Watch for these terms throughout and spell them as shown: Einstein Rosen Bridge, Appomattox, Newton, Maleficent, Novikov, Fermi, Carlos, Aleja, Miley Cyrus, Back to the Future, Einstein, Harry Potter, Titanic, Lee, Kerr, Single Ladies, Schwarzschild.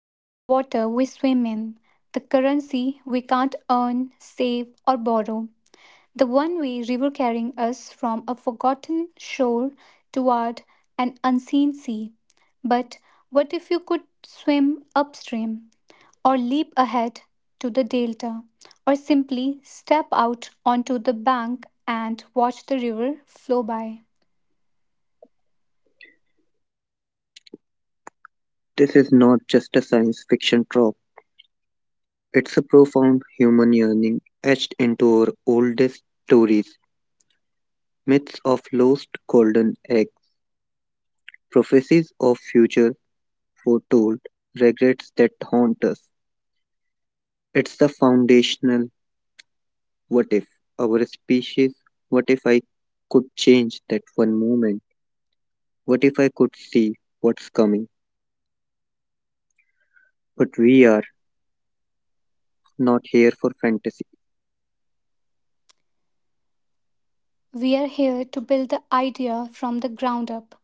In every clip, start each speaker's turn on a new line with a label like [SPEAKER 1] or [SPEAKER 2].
[SPEAKER 1] It's the water we swim in, the currency we can't earn, save, or borrow, the one way river carrying us from a forgotten shore toward an unseen sea. But what if you could swim upstream, or leap ahead to the delta, or simply step out onto the bank and watch the river flow by?
[SPEAKER 2] This is not just a science fiction trope, it's a profound human yearning etched into our oldest stories, myths of lost golden eggs, prophecies of future foretold, regrets that haunt us. It's the foundational what if our species, what if I could change that one moment, what if I could see what's coming. But we are not here for fantasy.
[SPEAKER 1] We are here to build the idea from the ground up,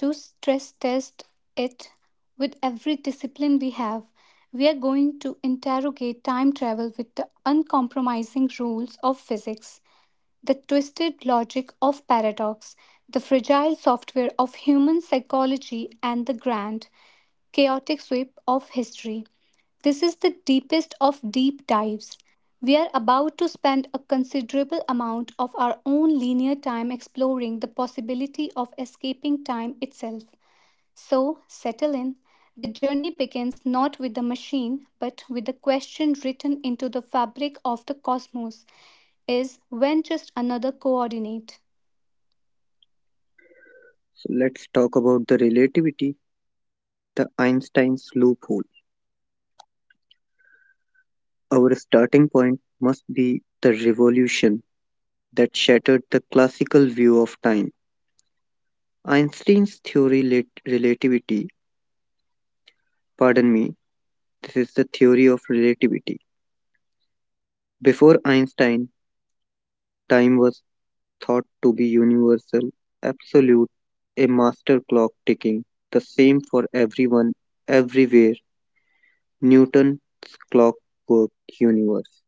[SPEAKER 1] to stress test it with every discipline we have. We are going to interrogate time travel with the uncompromising rules of physics, the twisted logic of paradox, the fragile software of human psychology, and the grand, chaotic sweep of history. This is the deepest of deep dives. We are about to spend a considerable amount of our own linear time exploring the possibility of escaping time itself. So, settle in. The journey begins not with the machine, but with the question written into the fabric of the cosmos. Is when just another coordinate?
[SPEAKER 2] So let's talk about the relativity, the Einstein's loophole. Our starting point must be the revolution that shattered the classical view of time. Einstein's theory lat- relativity, pardon me, This is the theory of relativity. Before Einstein, time was thought to be universal, absolute, a master clock ticking, the same for everyone, everywhere, Newton's clockwork universe.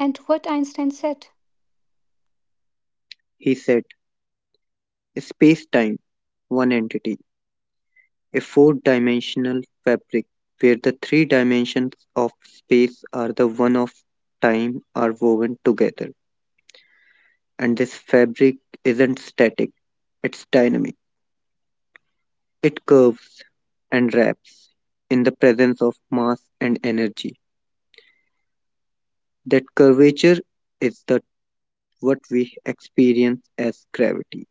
[SPEAKER 1] And what Einstein said?
[SPEAKER 2] He said space time, one entity, a four-dimensional fabric, where the three dimensions of space are the one of time are woven together. And this fabric isn't static, it's dynamic. It curves and wraps in the presence of mass and energy. That curvature is the what we experience as gravity.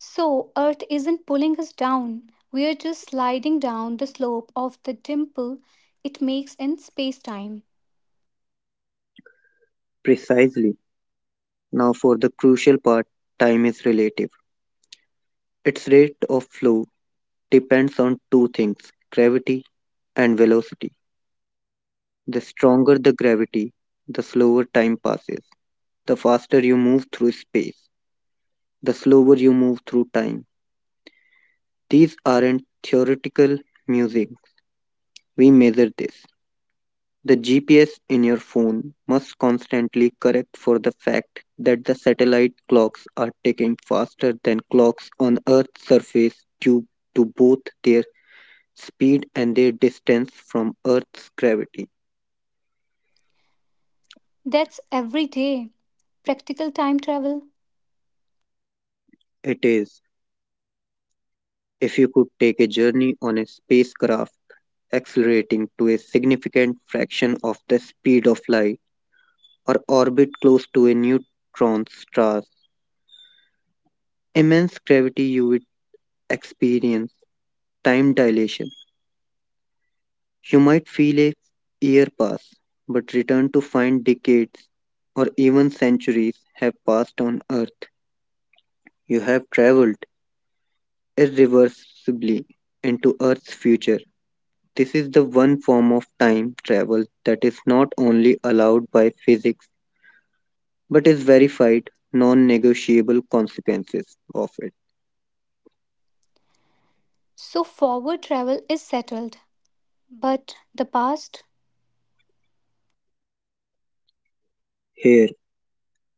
[SPEAKER 1] So, Earth isn't pulling us down. We are just sliding down the slope of the dimple it makes in space time.
[SPEAKER 2] Precisely. Now for the crucial part, time is relative. Its rate of flow depends on two things, gravity and velocity. The stronger the gravity, the slower time passes. The faster you move through space, the slower you move through time. These aren't theoretical musings, we measure this. The GPS in your phone must constantly correct for the fact that the satellite clocks are ticking faster than clocks on Earth's surface due to both their speed and their distance from Earth's gravity.
[SPEAKER 1] That's every day. Practical time travel.
[SPEAKER 2] It is, if you could take a journey on a spacecraft, accelerating to a significant fraction of the speed of light, or orbit close to a neutron star. Immense gravity, you would experience time dilation. You might feel a year pass, but return to find decades or even centuries have passed on Earth. You have traveled irreversibly into Earth's future. This is the one form of time travel that is not only allowed by physics but is verified non negotiable consequences of it.
[SPEAKER 1] So, forward travel is settled. But the past?
[SPEAKER 2] Here,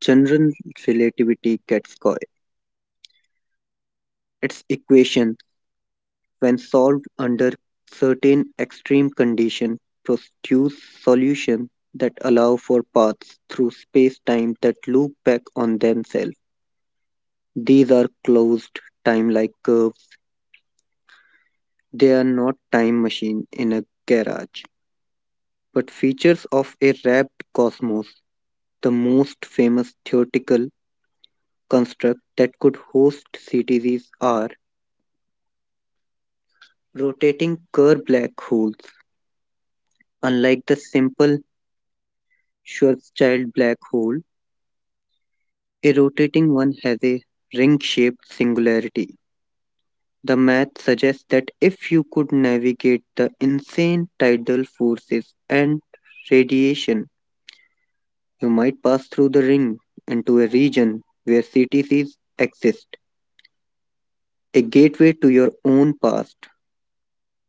[SPEAKER 2] general relativity gets coy. Its equations, when solved under certain extreme conditions, produce solutions that allow for paths through space time that loop back on themselves. These are closed, time like curves. They are not time machine in a garage, but features of a wrapped cosmos. The most famous theoretical constructs that could host CTZs are rotating Kerr black holes. Unlike the simple Schwarzschild black hole, a rotating one has a ring shaped singularity. The math suggests that if you could navigate the insane tidal forces and radiation, you might pass through the ring into a region where CTCs exist, a gateway to your own past,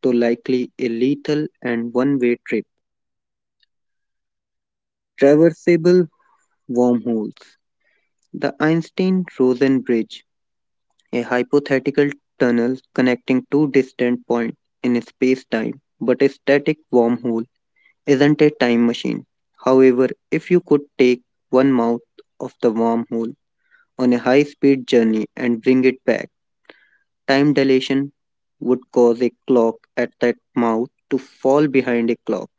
[SPEAKER 2] though likely a lethal and one way trip. Traversable wormholes. The Einstein Rosen Bridge, a hypothetical tunnel connecting two distant points in space time, but a static wormhole isn't a time machine. However, if you could take one mouth of the wormhole on a high speed journey and bring it back, time dilation would cause a clock at that mouth to fall behind a clock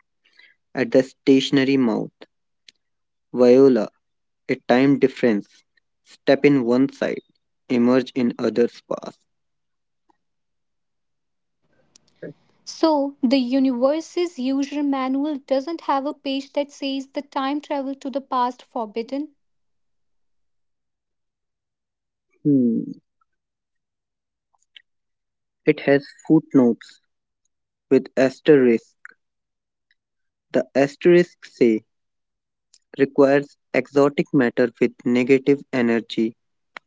[SPEAKER 2] at the stationary mouth. Viola, a time difference. Step in one side, emerge in other's path.
[SPEAKER 1] So, the universe's user manual doesn't have a page that says the time travel to the past forbidden.
[SPEAKER 2] Hmm. It has footnotes with asterisks. The asterisks say requires exotic matter with negative energy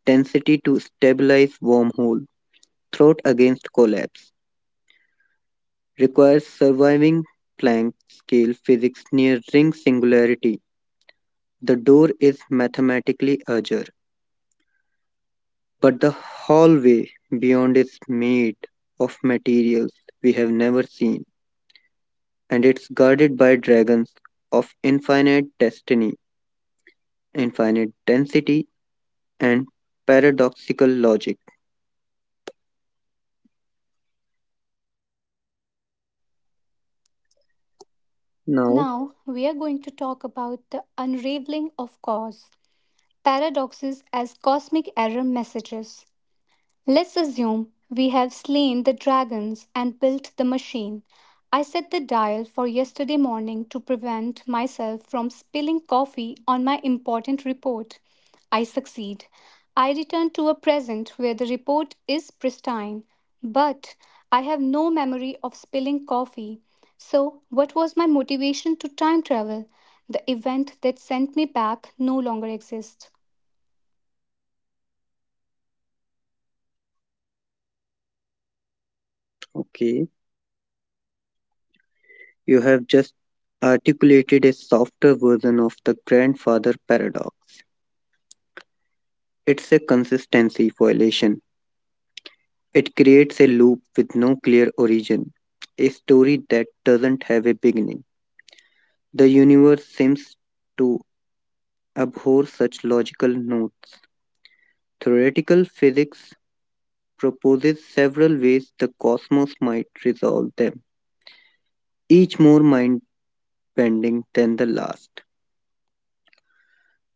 [SPEAKER 2] density to stabilize wormhole. Throat against collapse. Requires surviving Planck scale physics near ring singularity. The door is mathematically ajar. But the hallway beyond is made of materials we have never seen, and it's guarded by dragons of infinite destiny, infinite density, and paradoxical logic. Now,
[SPEAKER 1] Now, we are going to talk about the unraveling of cause, paradoxes as cosmic error messages. Let's assume we have slain the dragons and built the machine. I set the dial for yesterday morning to prevent myself from spilling coffee on my important report. I succeed. I return to a present where the report is pristine, but I have no memory of spilling coffee. So, what was my motivation to time travel? The event that sent me back no longer exists.
[SPEAKER 2] okay, you have just articulated a softer version of the grandfather paradox. It's a consistency violation. It creates a loop with no clear origin, a story that doesn't have a beginning. The universe seems to abhor such logical notions. Theoretical physics proposes several ways the cosmos might resolve them, each more mind bending than the last.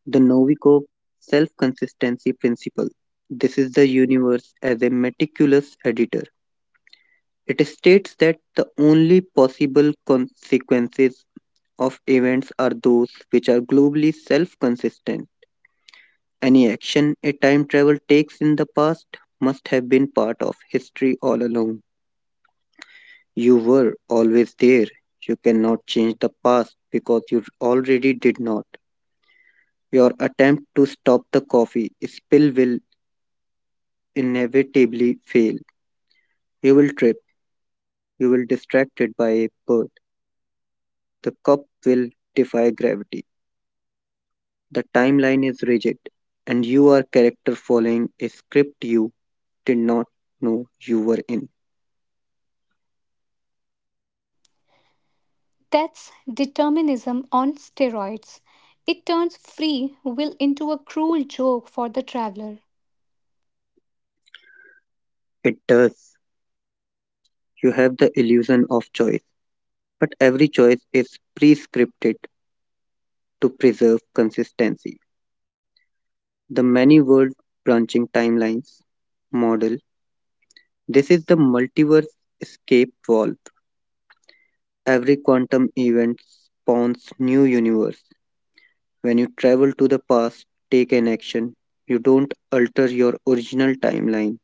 [SPEAKER 2] The Novikov self consistency principle. This is the universe as a meticulous editor. It states that the only possible consequences of events are those which are globally self consistent. Any action a time travel takes in the past must have been part of history all along. You were always there. You cannot change the past because you already did not. Your attempt to stop the coffee spill will inevitably fail. You will trip. You will be distracted by a bird. The cup will defy gravity. The timeline is rigid and you are character following a script you did not know you were in.
[SPEAKER 1] That's determinism on steroids. It turns free will into a cruel joke for the traveler.
[SPEAKER 2] It does. You have the illusion of choice, but every choice is prescripted to preserve consistency. The many world branching timelines model, this is the multiverse escape valve. Every quantum event spawns new universe. When you travel to the past, take an action. You don't alter your original timeline.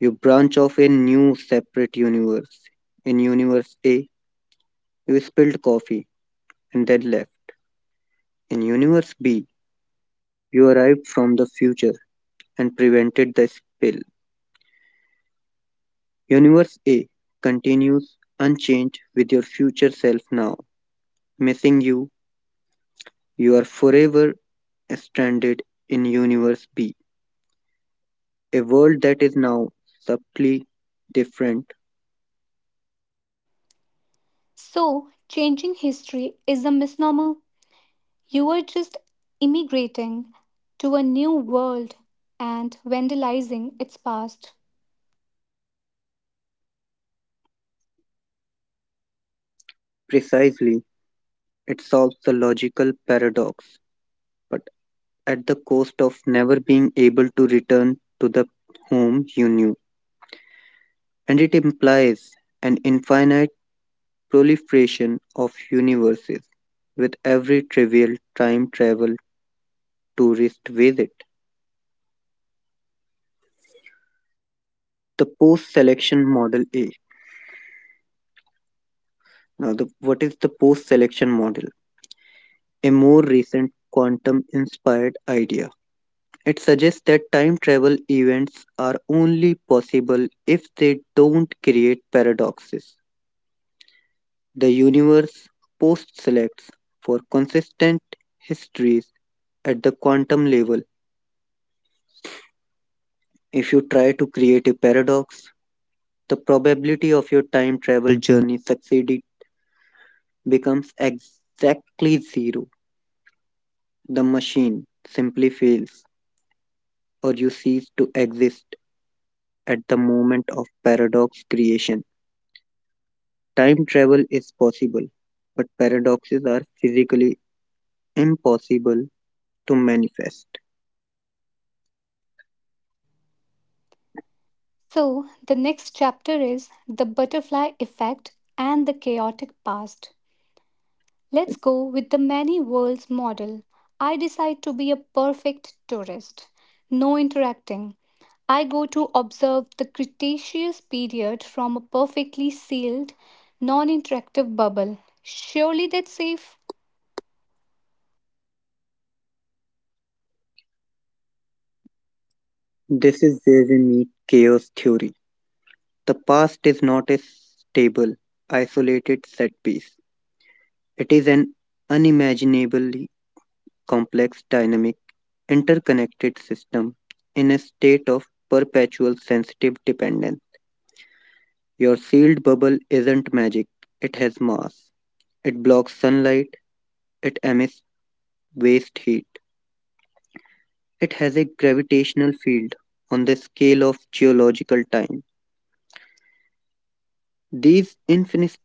[SPEAKER 2] You branch off a new separate universe. In universe A, you spilled coffee and then left. In universe B, you arrived from the future and prevented the spill. Universe A continues unchanged with your future self now. Missing you, you are forever stranded in Universe B, a world that is now subtly different.
[SPEAKER 1] So, changing history is a misnomer. You are just immigrating to a new world and vandalizing its past.
[SPEAKER 2] Precisely, it solves the logical paradox, but at the cost of never being able to return to the home you knew. And it implies an infinite proliferation of universes with every trivial time travel tourist visit. The post selection model A. What is the post selection model? A more recent quantum inspired idea. It suggests that time travel events are only possible if they don't create paradoxes. The universe post selects for consistent histories at the quantum level. If you try to create a paradox, the probability of your time travel journey succeeding becomes exactly zero. The machine simply fails, or you cease to exist at the moment of paradox creation. Time travel is possible, but paradoxes are physically impossible to manifest.
[SPEAKER 1] So, the next chapter is the butterfly effect and the chaotic past. Let's go with the many worlds model. I decide to be a perfect tourist. No interacting. I go to observe the Cretaceous period from a perfectly sealed, non interactive bubble. Surely that's safe.
[SPEAKER 2] This is where we meet chaos theory. The past is not a stable, isolated set piece, it is an unimaginably complex dynamic interconnected system in a state of perpetual sensitive dependence. Your sealed bubble isn't magic, it has mass. It blocks sunlight, it emits waste heat. It has a gravitational field on the scale of geological time. These infinite,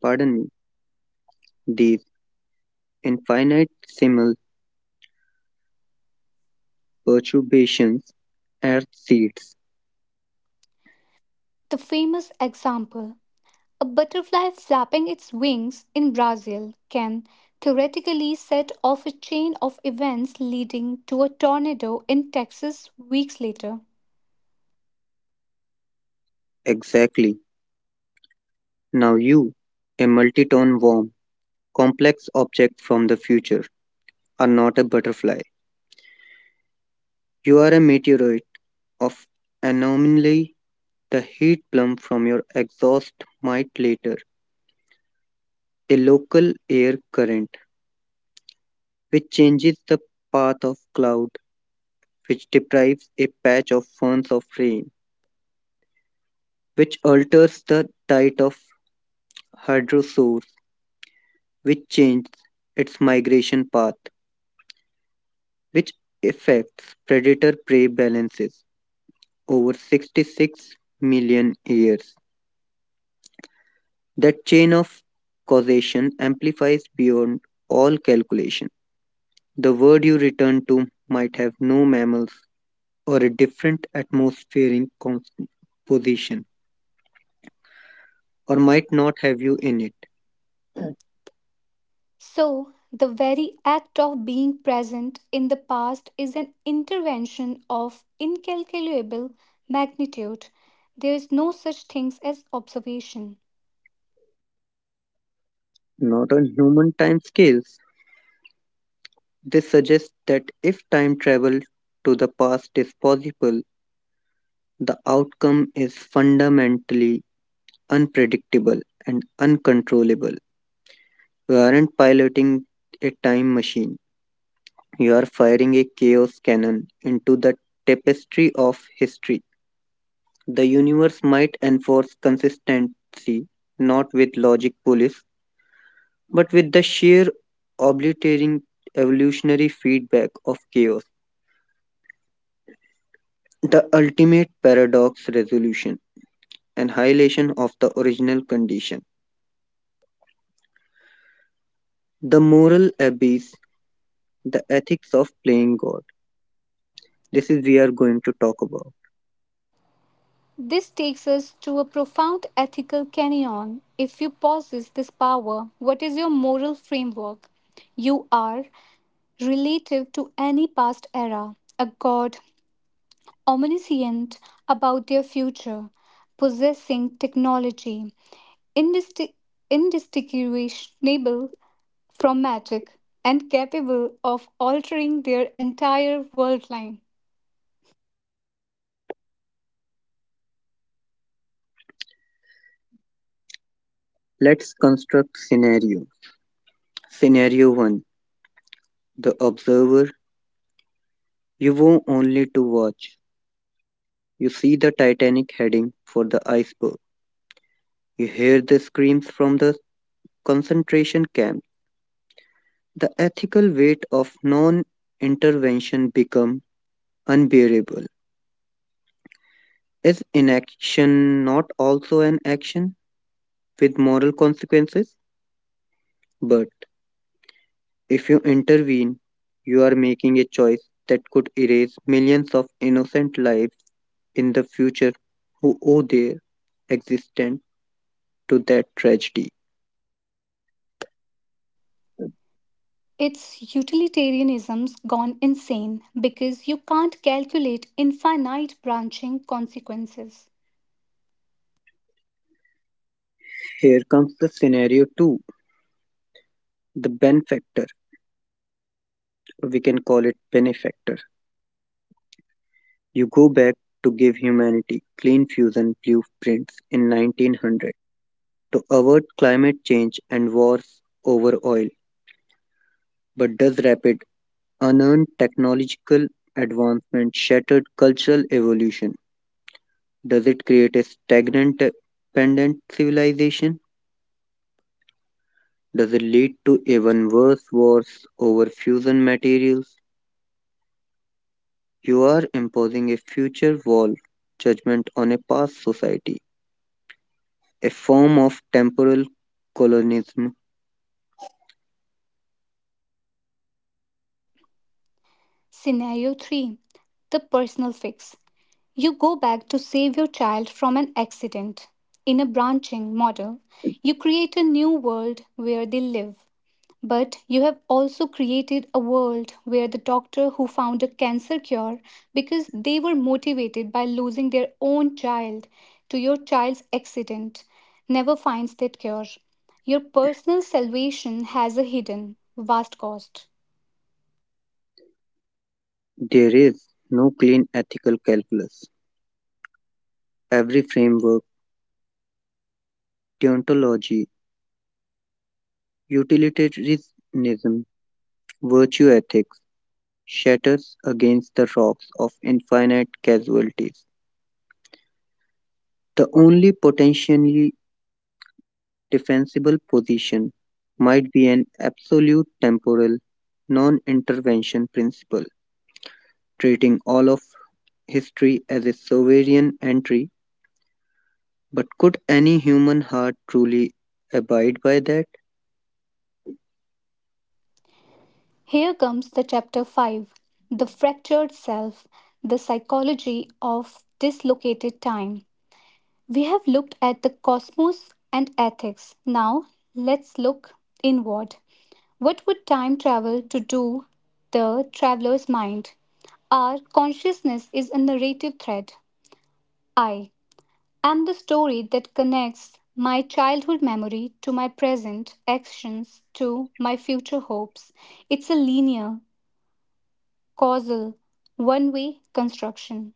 [SPEAKER 2] pardon me, these infinitesimal perturbations are seeds.
[SPEAKER 1] The famous example, a butterfly flapping its wings in Brazil can theoretically set off a chain of events leading to a tornado in Texas weeks later.
[SPEAKER 2] Exactly. Now you, a multi-ton worm, complex object from the future, are not a butterfly. You are a meteorite of anomaly. The heat plume from your exhaust might later a local air current, which changes the path of cloud, which deprives a patch of ferns of rain, which alters the diet of hydrosaurs, which changes its migration path, which affects predator prey balances over 66 million years. That chain of causation amplifies beyond all calculation. The word you return to might have no mammals or a different atmospheric composition, or might not have you in it.
[SPEAKER 1] So, the very act of being present in the past is an intervention of incalculable magnitude. There is no such thing as observation.
[SPEAKER 2] Not on human time scales. This suggests that if time travel to the past is possible, the outcome is fundamentally unpredictable and uncontrollable. We aren't piloting a time machine. You are firing a chaos cannon into the tapestry of history. The universe might enforce consistency, not with logic police, but with the sheer obliterating evolutionary feedback of chaos. The ultimate paradox resolution, annihilation of the original condition. The moral abyss, the ethics of playing God. This is we are going to talk about.
[SPEAKER 1] This takes us to a profound ethical canyon. If you possess this power, what is your moral framework? You are, relative to any past era, a god, omniscient about their future, possessing technology indisti- indistinguishable from magic and capable of altering their entire world line.
[SPEAKER 2] Let's construct scenario. Scenario 1. The observer. You go only to watch. You see the Titanic heading for the iceberg. You hear the screams from the concentration camp. The ethical weight of non intervention become unbearable. Is inaction not also an action with moral consequences? But if you intervene, you are making a choice that could erase millions of innocent lives in the future who owe their existence to that tragedy.
[SPEAKER 1] It's utilitarianism's gone insane because you can't calculate infinite branching consequences.
[SPEAKER 2] Here comes the scenario 2, the benefactor. We can call it benefactor. You go back to give humanity clean fusion blueprints in 1900 to avert climate change and wars over oil. But does rapid, unearned technological advancement shattered cultural evolution? Does it create a stagnant, dependent civilization? Does it lead to even worse wars over fusion materials? You are imposing a future wall judgment on a past society, a form of temporal colonialism.
[SPEAKER 1] Scenario 3, the personal fix. You go back to save your child from an accident. In a branching model, you create a new world where they live. But you have also created a world where the doctor who found a cancer cure because they were motivated by losing their own child to your child's accident never finds that cure. Your personal salvation has a hidden, vast cost.
[SPEAKER 2] There is no clean ethical calculus. Every framework, deontology, utilitarianism, virtue ethics shatters against the rocks of infinite casualties. The only potentially defensible position might be an absolute temporal non intervention principle, treating all of history as a sovereign entry, but could any human heart truly abide by that?
[SPEAKER 1] Here comes the chapter 5, the Fractured Self, the Psychology of Dislocated Time. We have looked at the cosmos and ethics. Now let's look inward. What would time travel to do the traveler's mind? Our consciousness is a narrative thread. I am the story that connects my childhood memory to my present actions to my future hopes. It's a linear, causal, one way construction.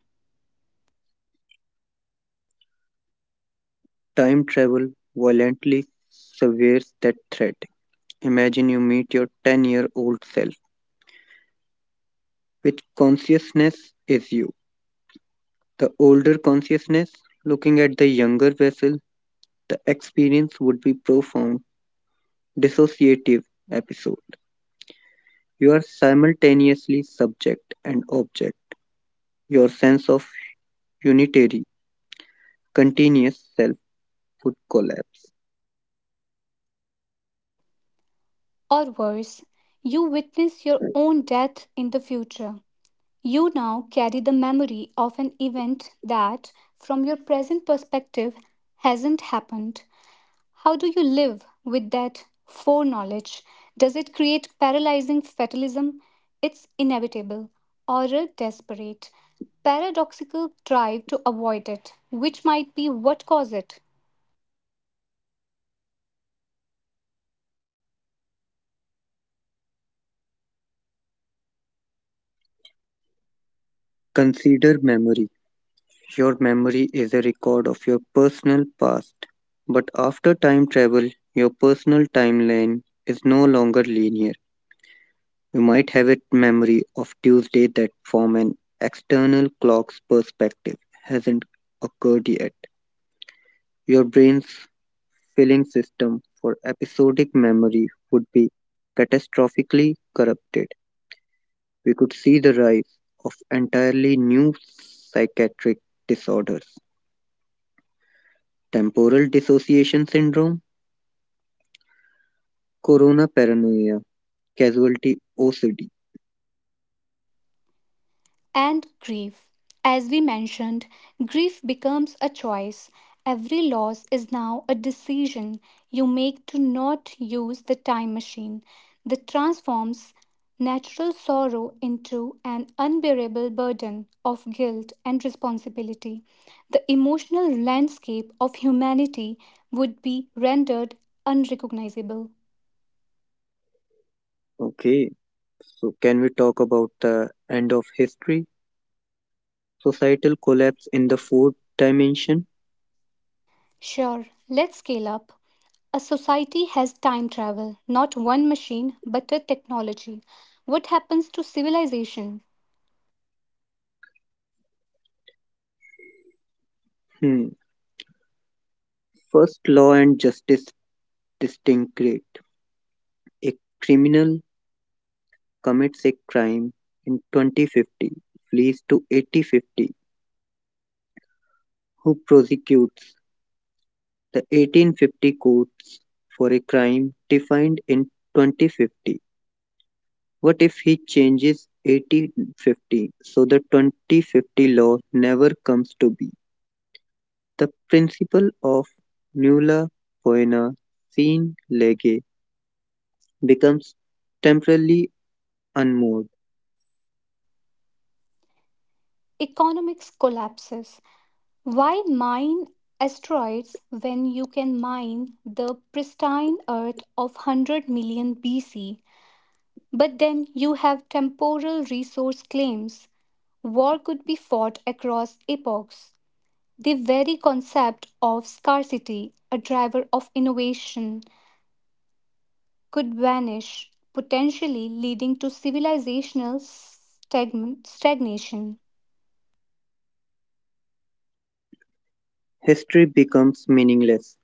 [SPEAKER 2] Time travel violently severs that threat. Imagine you meet your 10-year-old self, which consciousness is you. The older consciousness, looking at the younger vessel, the experience would be profound, dissociative episode. You are simultaneously subject and object. Your sense of unitary, continuous self would collapse.
[SPEAKER 1] Or worse, you witness your own death in the future. You now carry the memory of an event that, from your present perspective, hasn't happened. How do you live with that foreknowledge? Does it create paralyzing fatalism? It's inevitable, or a desperate, paradoxical drive to avoid it, which might be what causes it.
[SPEAKER 2] Consider memory. Your memory is a record of your personal past. But after time travel, your personal timeline is no longer linear. You might have a memory of Tuesday that, from an external clock's perspective, hasn't occurred yet. Your brain's filling system for episodic memory would be catastrophically corrupted. We could see the rise of entirely new psychiatric disorders. Temporal dissociation syndrome, corona paranoia, casualty OCD.
[SPEAKER 1] And grief. As we mentioned, grief becomes a choice. Every loss is now a decision you make to not use the time machine that transforms natural sorrow into an unbearable burden of guilt and responsibility. The emotional landscape of humanity would be rendered unrecognizable.
[SPEAKER 2] Okay, so can we talk about the end of history? Societal collapse in the fourth dimension?
[SPEAKER 1] Sure, let's scale up. A society has time travel, not one machine, but a technology. What happens to civilization?
[SPEAKER 2] Hmm. First, law and justice disintegrate. A criminal commits a crime in 2050, flees to 8050, who prosecutes the 1850 courts for a crime defined in 2050? What if he changes 8050 so the 2050 law never comes to be? The principle of nulla poena sine lege becomes temporarily unmoored.
[SPEAKER 1] Economics collapses. Why mine asteroids when you can mine the pristine Earth of 100 million BC? But then you have temporal resource claims. War could be fought across epochs. The very concept of scarcity, a driver of innovation, could vanish, potentially leading to civilizational stagnation.
[SPEAKER 2] History becomes meaningless.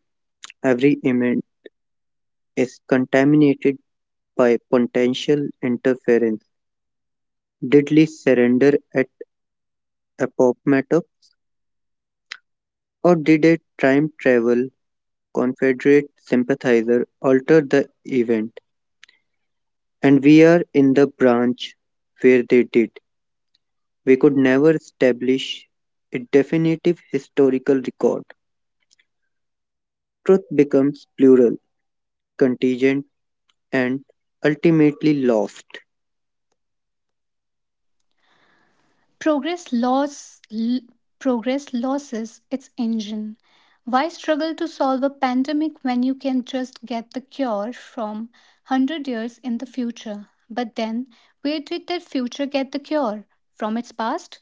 [SPEAKER 2] Every event is contaminated by potential interference. Did Lee surrender at Appomattox, or did a time travel Confederate sympathizer alter the event? And we're in the branch where they did. We could never establish a definitive historical record. Truth becomes plural, contingent, and ultimately lost.
[SPEAKER 1] Progress loss l- Progress loses its engine. Why struggle to solve a pandemic when you can just get the cure from 100 years in the future? But then, where did that future get the cure? From its past?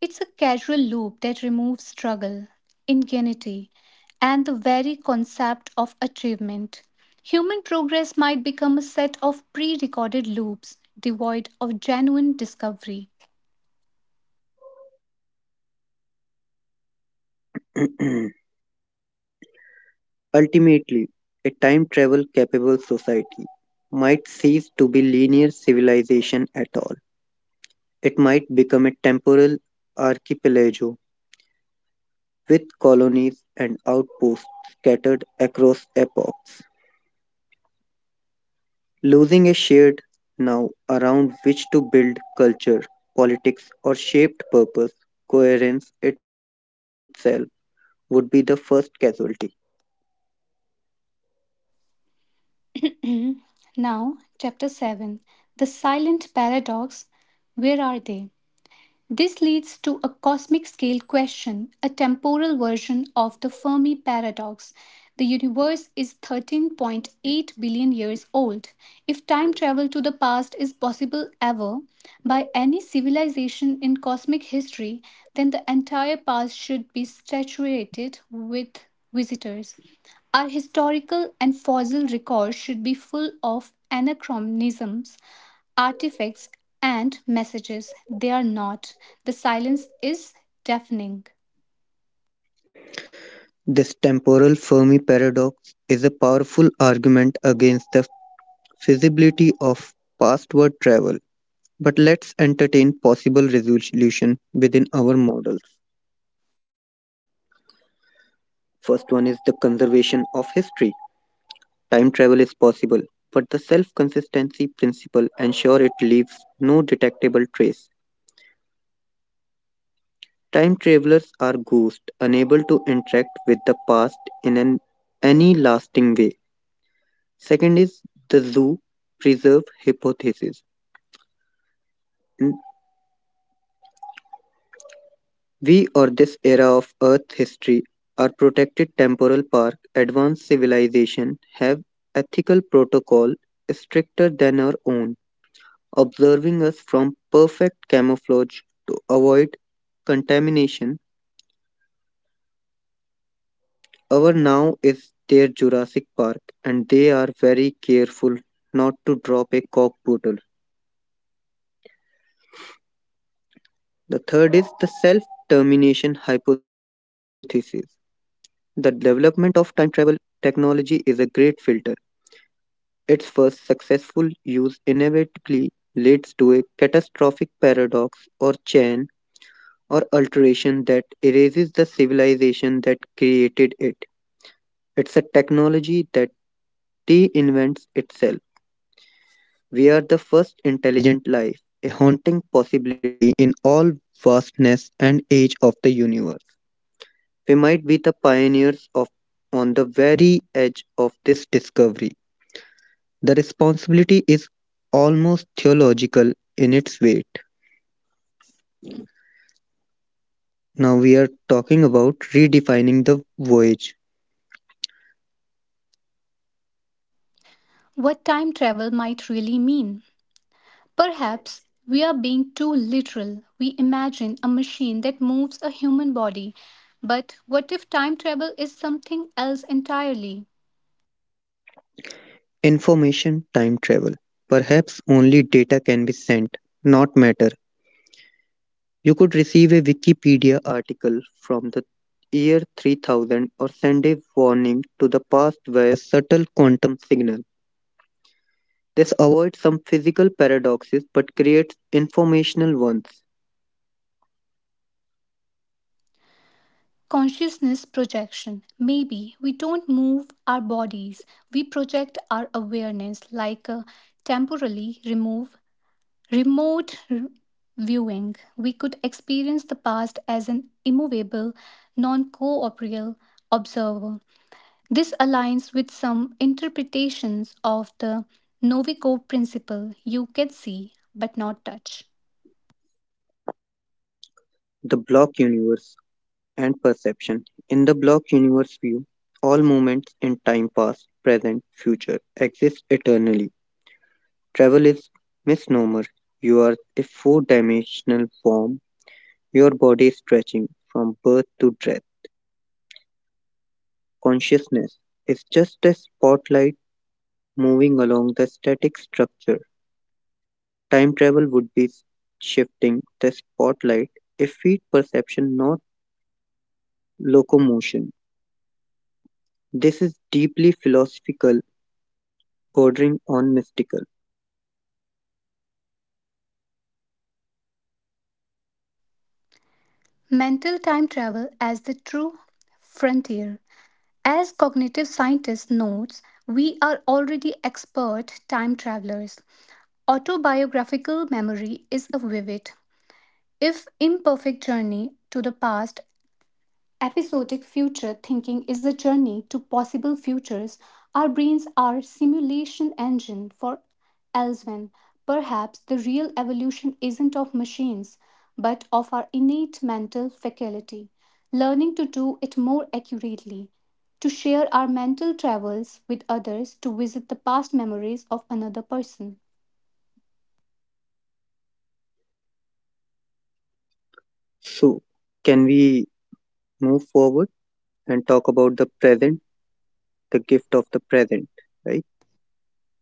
[SPEAKER 1] It's a casual loop that removes struggle, ingenuity, and the very concept of achievement. Human progress might become a set of pre recorded loops devoid of genuine discovery.
[SPEAKER 2] Ultimately, a time travel capable society might cease to be linear civilization at all. It might become a temporal archipelago with colonies and outposts scattered across epochs. Losing a shared now around which to build culture, politics, or shaped purpose, coherence itself, would be the first casualty.
[SPEAKER 1] Now, Chapter 7, the Silent Paradox. Where are they? This leads to a cosmic scale question, a temporal version of the Fermi paradox. The universe is 13.8 billion years old. If time travel to the past is possible ever by any civilization in cosmic history, then the entire past should be saturated with visitors. Our historical and fossil records should be full of anachronisms, artifacts, and messages. They are not. The silence is deafening.
[SPEAKER 2] This temporal Fermi paradox is a powerful argument against the feasibility of pastward travel. But let's entertain possible resolution within our models. First one is the conservation of history. Time travel is possible, but the self consistency principle ensures it leaves no detectable trace. Time travelers are ghosts, unable to interact with the past in any lasting way. Second is the zoo preserve hypothesis. N- We or this era of Earth history are protected temporal park, advanced civilization have ethical protocol stricter than our own observing us from perfect camouflage to avoid contamination. Our now is their Jurassic Park, and they are very careful not to drop a cock bottle. The third is the self termination hypothesis. The development of time travel technology is a great filter. Its first successful use inevitably leads to a catastrophic paradox or chain or alteration that erases the civilization that created it. It's a technology that reinvents itself. We are the first intelligent life, a haunting possibility in all vastness and age of the universe. We might be the pioneers of on the very edge of this discovery. The responsibility is almost theological in its weight. Now we are talking about redefining the voyage.
[SPEAKER 1] What time travel might really mean? Perhaps we are being too literal. We imagine a machine that moves a human body. But what if time travel is something else entirely?
[SPEAKER 2] Information time travel. Perhaps only data can be sent, not matter. You could receive a Wikipedia article from the year 3000 or send a warning to the past via subtle quantum signal. This avoids some physical paradoxes but creates informational ones.
[SPEAKER 1] Consciousness projection. Maybe we don't move our bodies, we project our awareness like a temporally remove Remote r- viewing. We could experience the past as an immovable, non corporeal observer. This aligns with some interpretations of the Novikov principle. You can see but not touch.
[SPEAKER 2] The block universe and perception. In the block universe view, all moments in time past, present, future exist eternally. Travel is misnomer. You are a four dimensional form. Your body is stretching from birth to death. Consciousness is just a spotlight moving along the static structure. Time travel would be shifting the spotlight, a feed perception, not locomotion. This is deeply philosophical, bordering on mystical.
[SPEAKER 1] Mental time travel as the true frontier. As cognitive scientist notes, we are already expert time travelers. Autobiographical memory is a vivid, if imperfect journey to the past, episodic future thinking is a journey to possible futures, our brains are simulation engine for elsewhere. Perhaps the real evolution isn't of machines, but of our innate mental faculty, learning to do it more accurately, to share our mental travels with others, to visit the past memories of another person.
[SPEAKER 2] So, can we move forward and talk about the present, the gift of the present, right?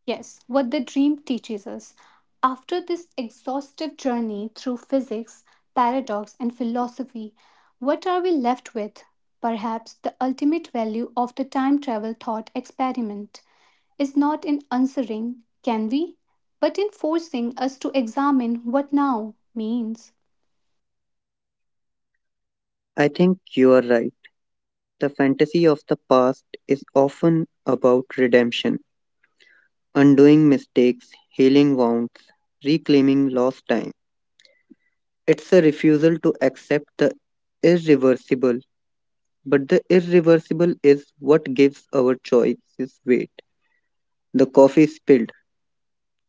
[SPEAKER 1] Yes, what the dream teaches us. After this exhaustive journey through physics, paradox, and philosophy, what are we left with? Perhaps the ultimate value of the time travel thought experiment is not in answering, can we? But in forcing us to examine what now means.
[SPEAKER 2] I think you are right. The fantasy of the past is often about redemption. Undoing mistakes, healing wounds, reclaiming lost time. It's a refusal to accept the irreversible, but the irreversible is what gives our choices weight. The coffee spilled,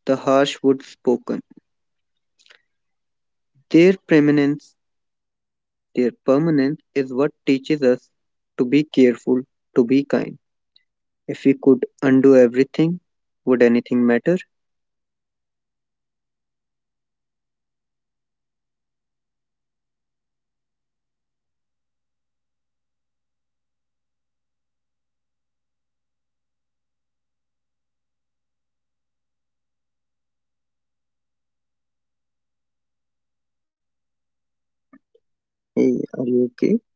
[SPEAKER 2] the harsh words spoken. Their permanence, their permanence is what teaches us to be careful, to be kind. If we could undo everything, would anything matter? Hey, are you okay?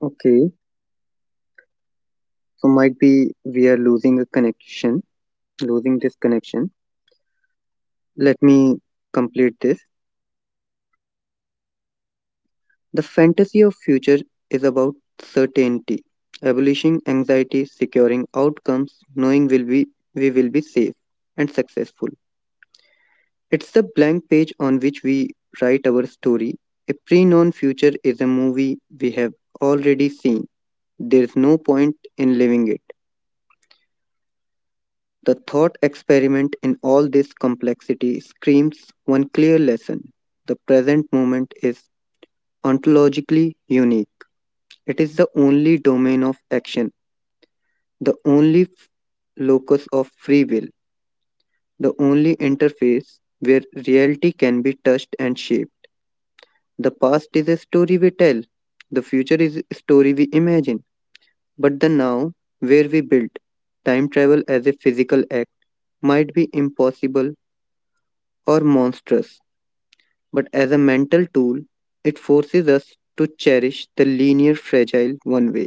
[SPEAKER 2] Okay, so might be we are losing a connection. Losing this connection. Let me complete this. The fantasy of future is about certainty, abolishing anxiety, securing outcomes, knowing will be we will be safe and successful. It's the blank page on which we write our story. A pre-known future is a movie we have already seen. There's no point in living it. The thought experiment in all this complexity screams one clear lesson. The present moment is ontologically unique. It is the only domain of action, the only locus of free will, the only interface where reality can be touched and shaped. The past is a story we tell, the future is a story we imagine, but the now, where we build, time travel as a physical act might be impossible or monstrous, but as a mental tool, it forces us to cherish the linear, fragile one way.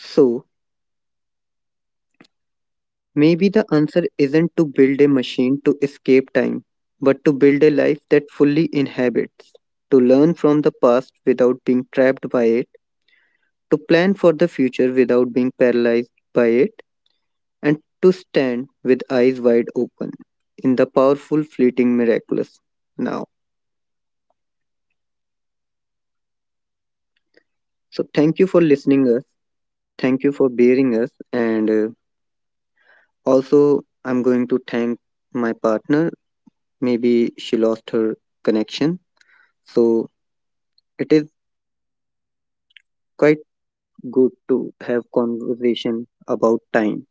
[SPEAKER 2] So, maybe the answer isn't to build a machine to escape time, but to build a life that fully inhabits, to learn from the past without being trapped by it, to plan for the future without being paralyzed by it, and to stand with eyes wide open in the powerful, fleeting, miraculous now. So, thank you for listening us. Thank you for bearing us. And also, I'm going to thank my partner. Maybe she lost her connection. So, it is quite good to have conversation about time.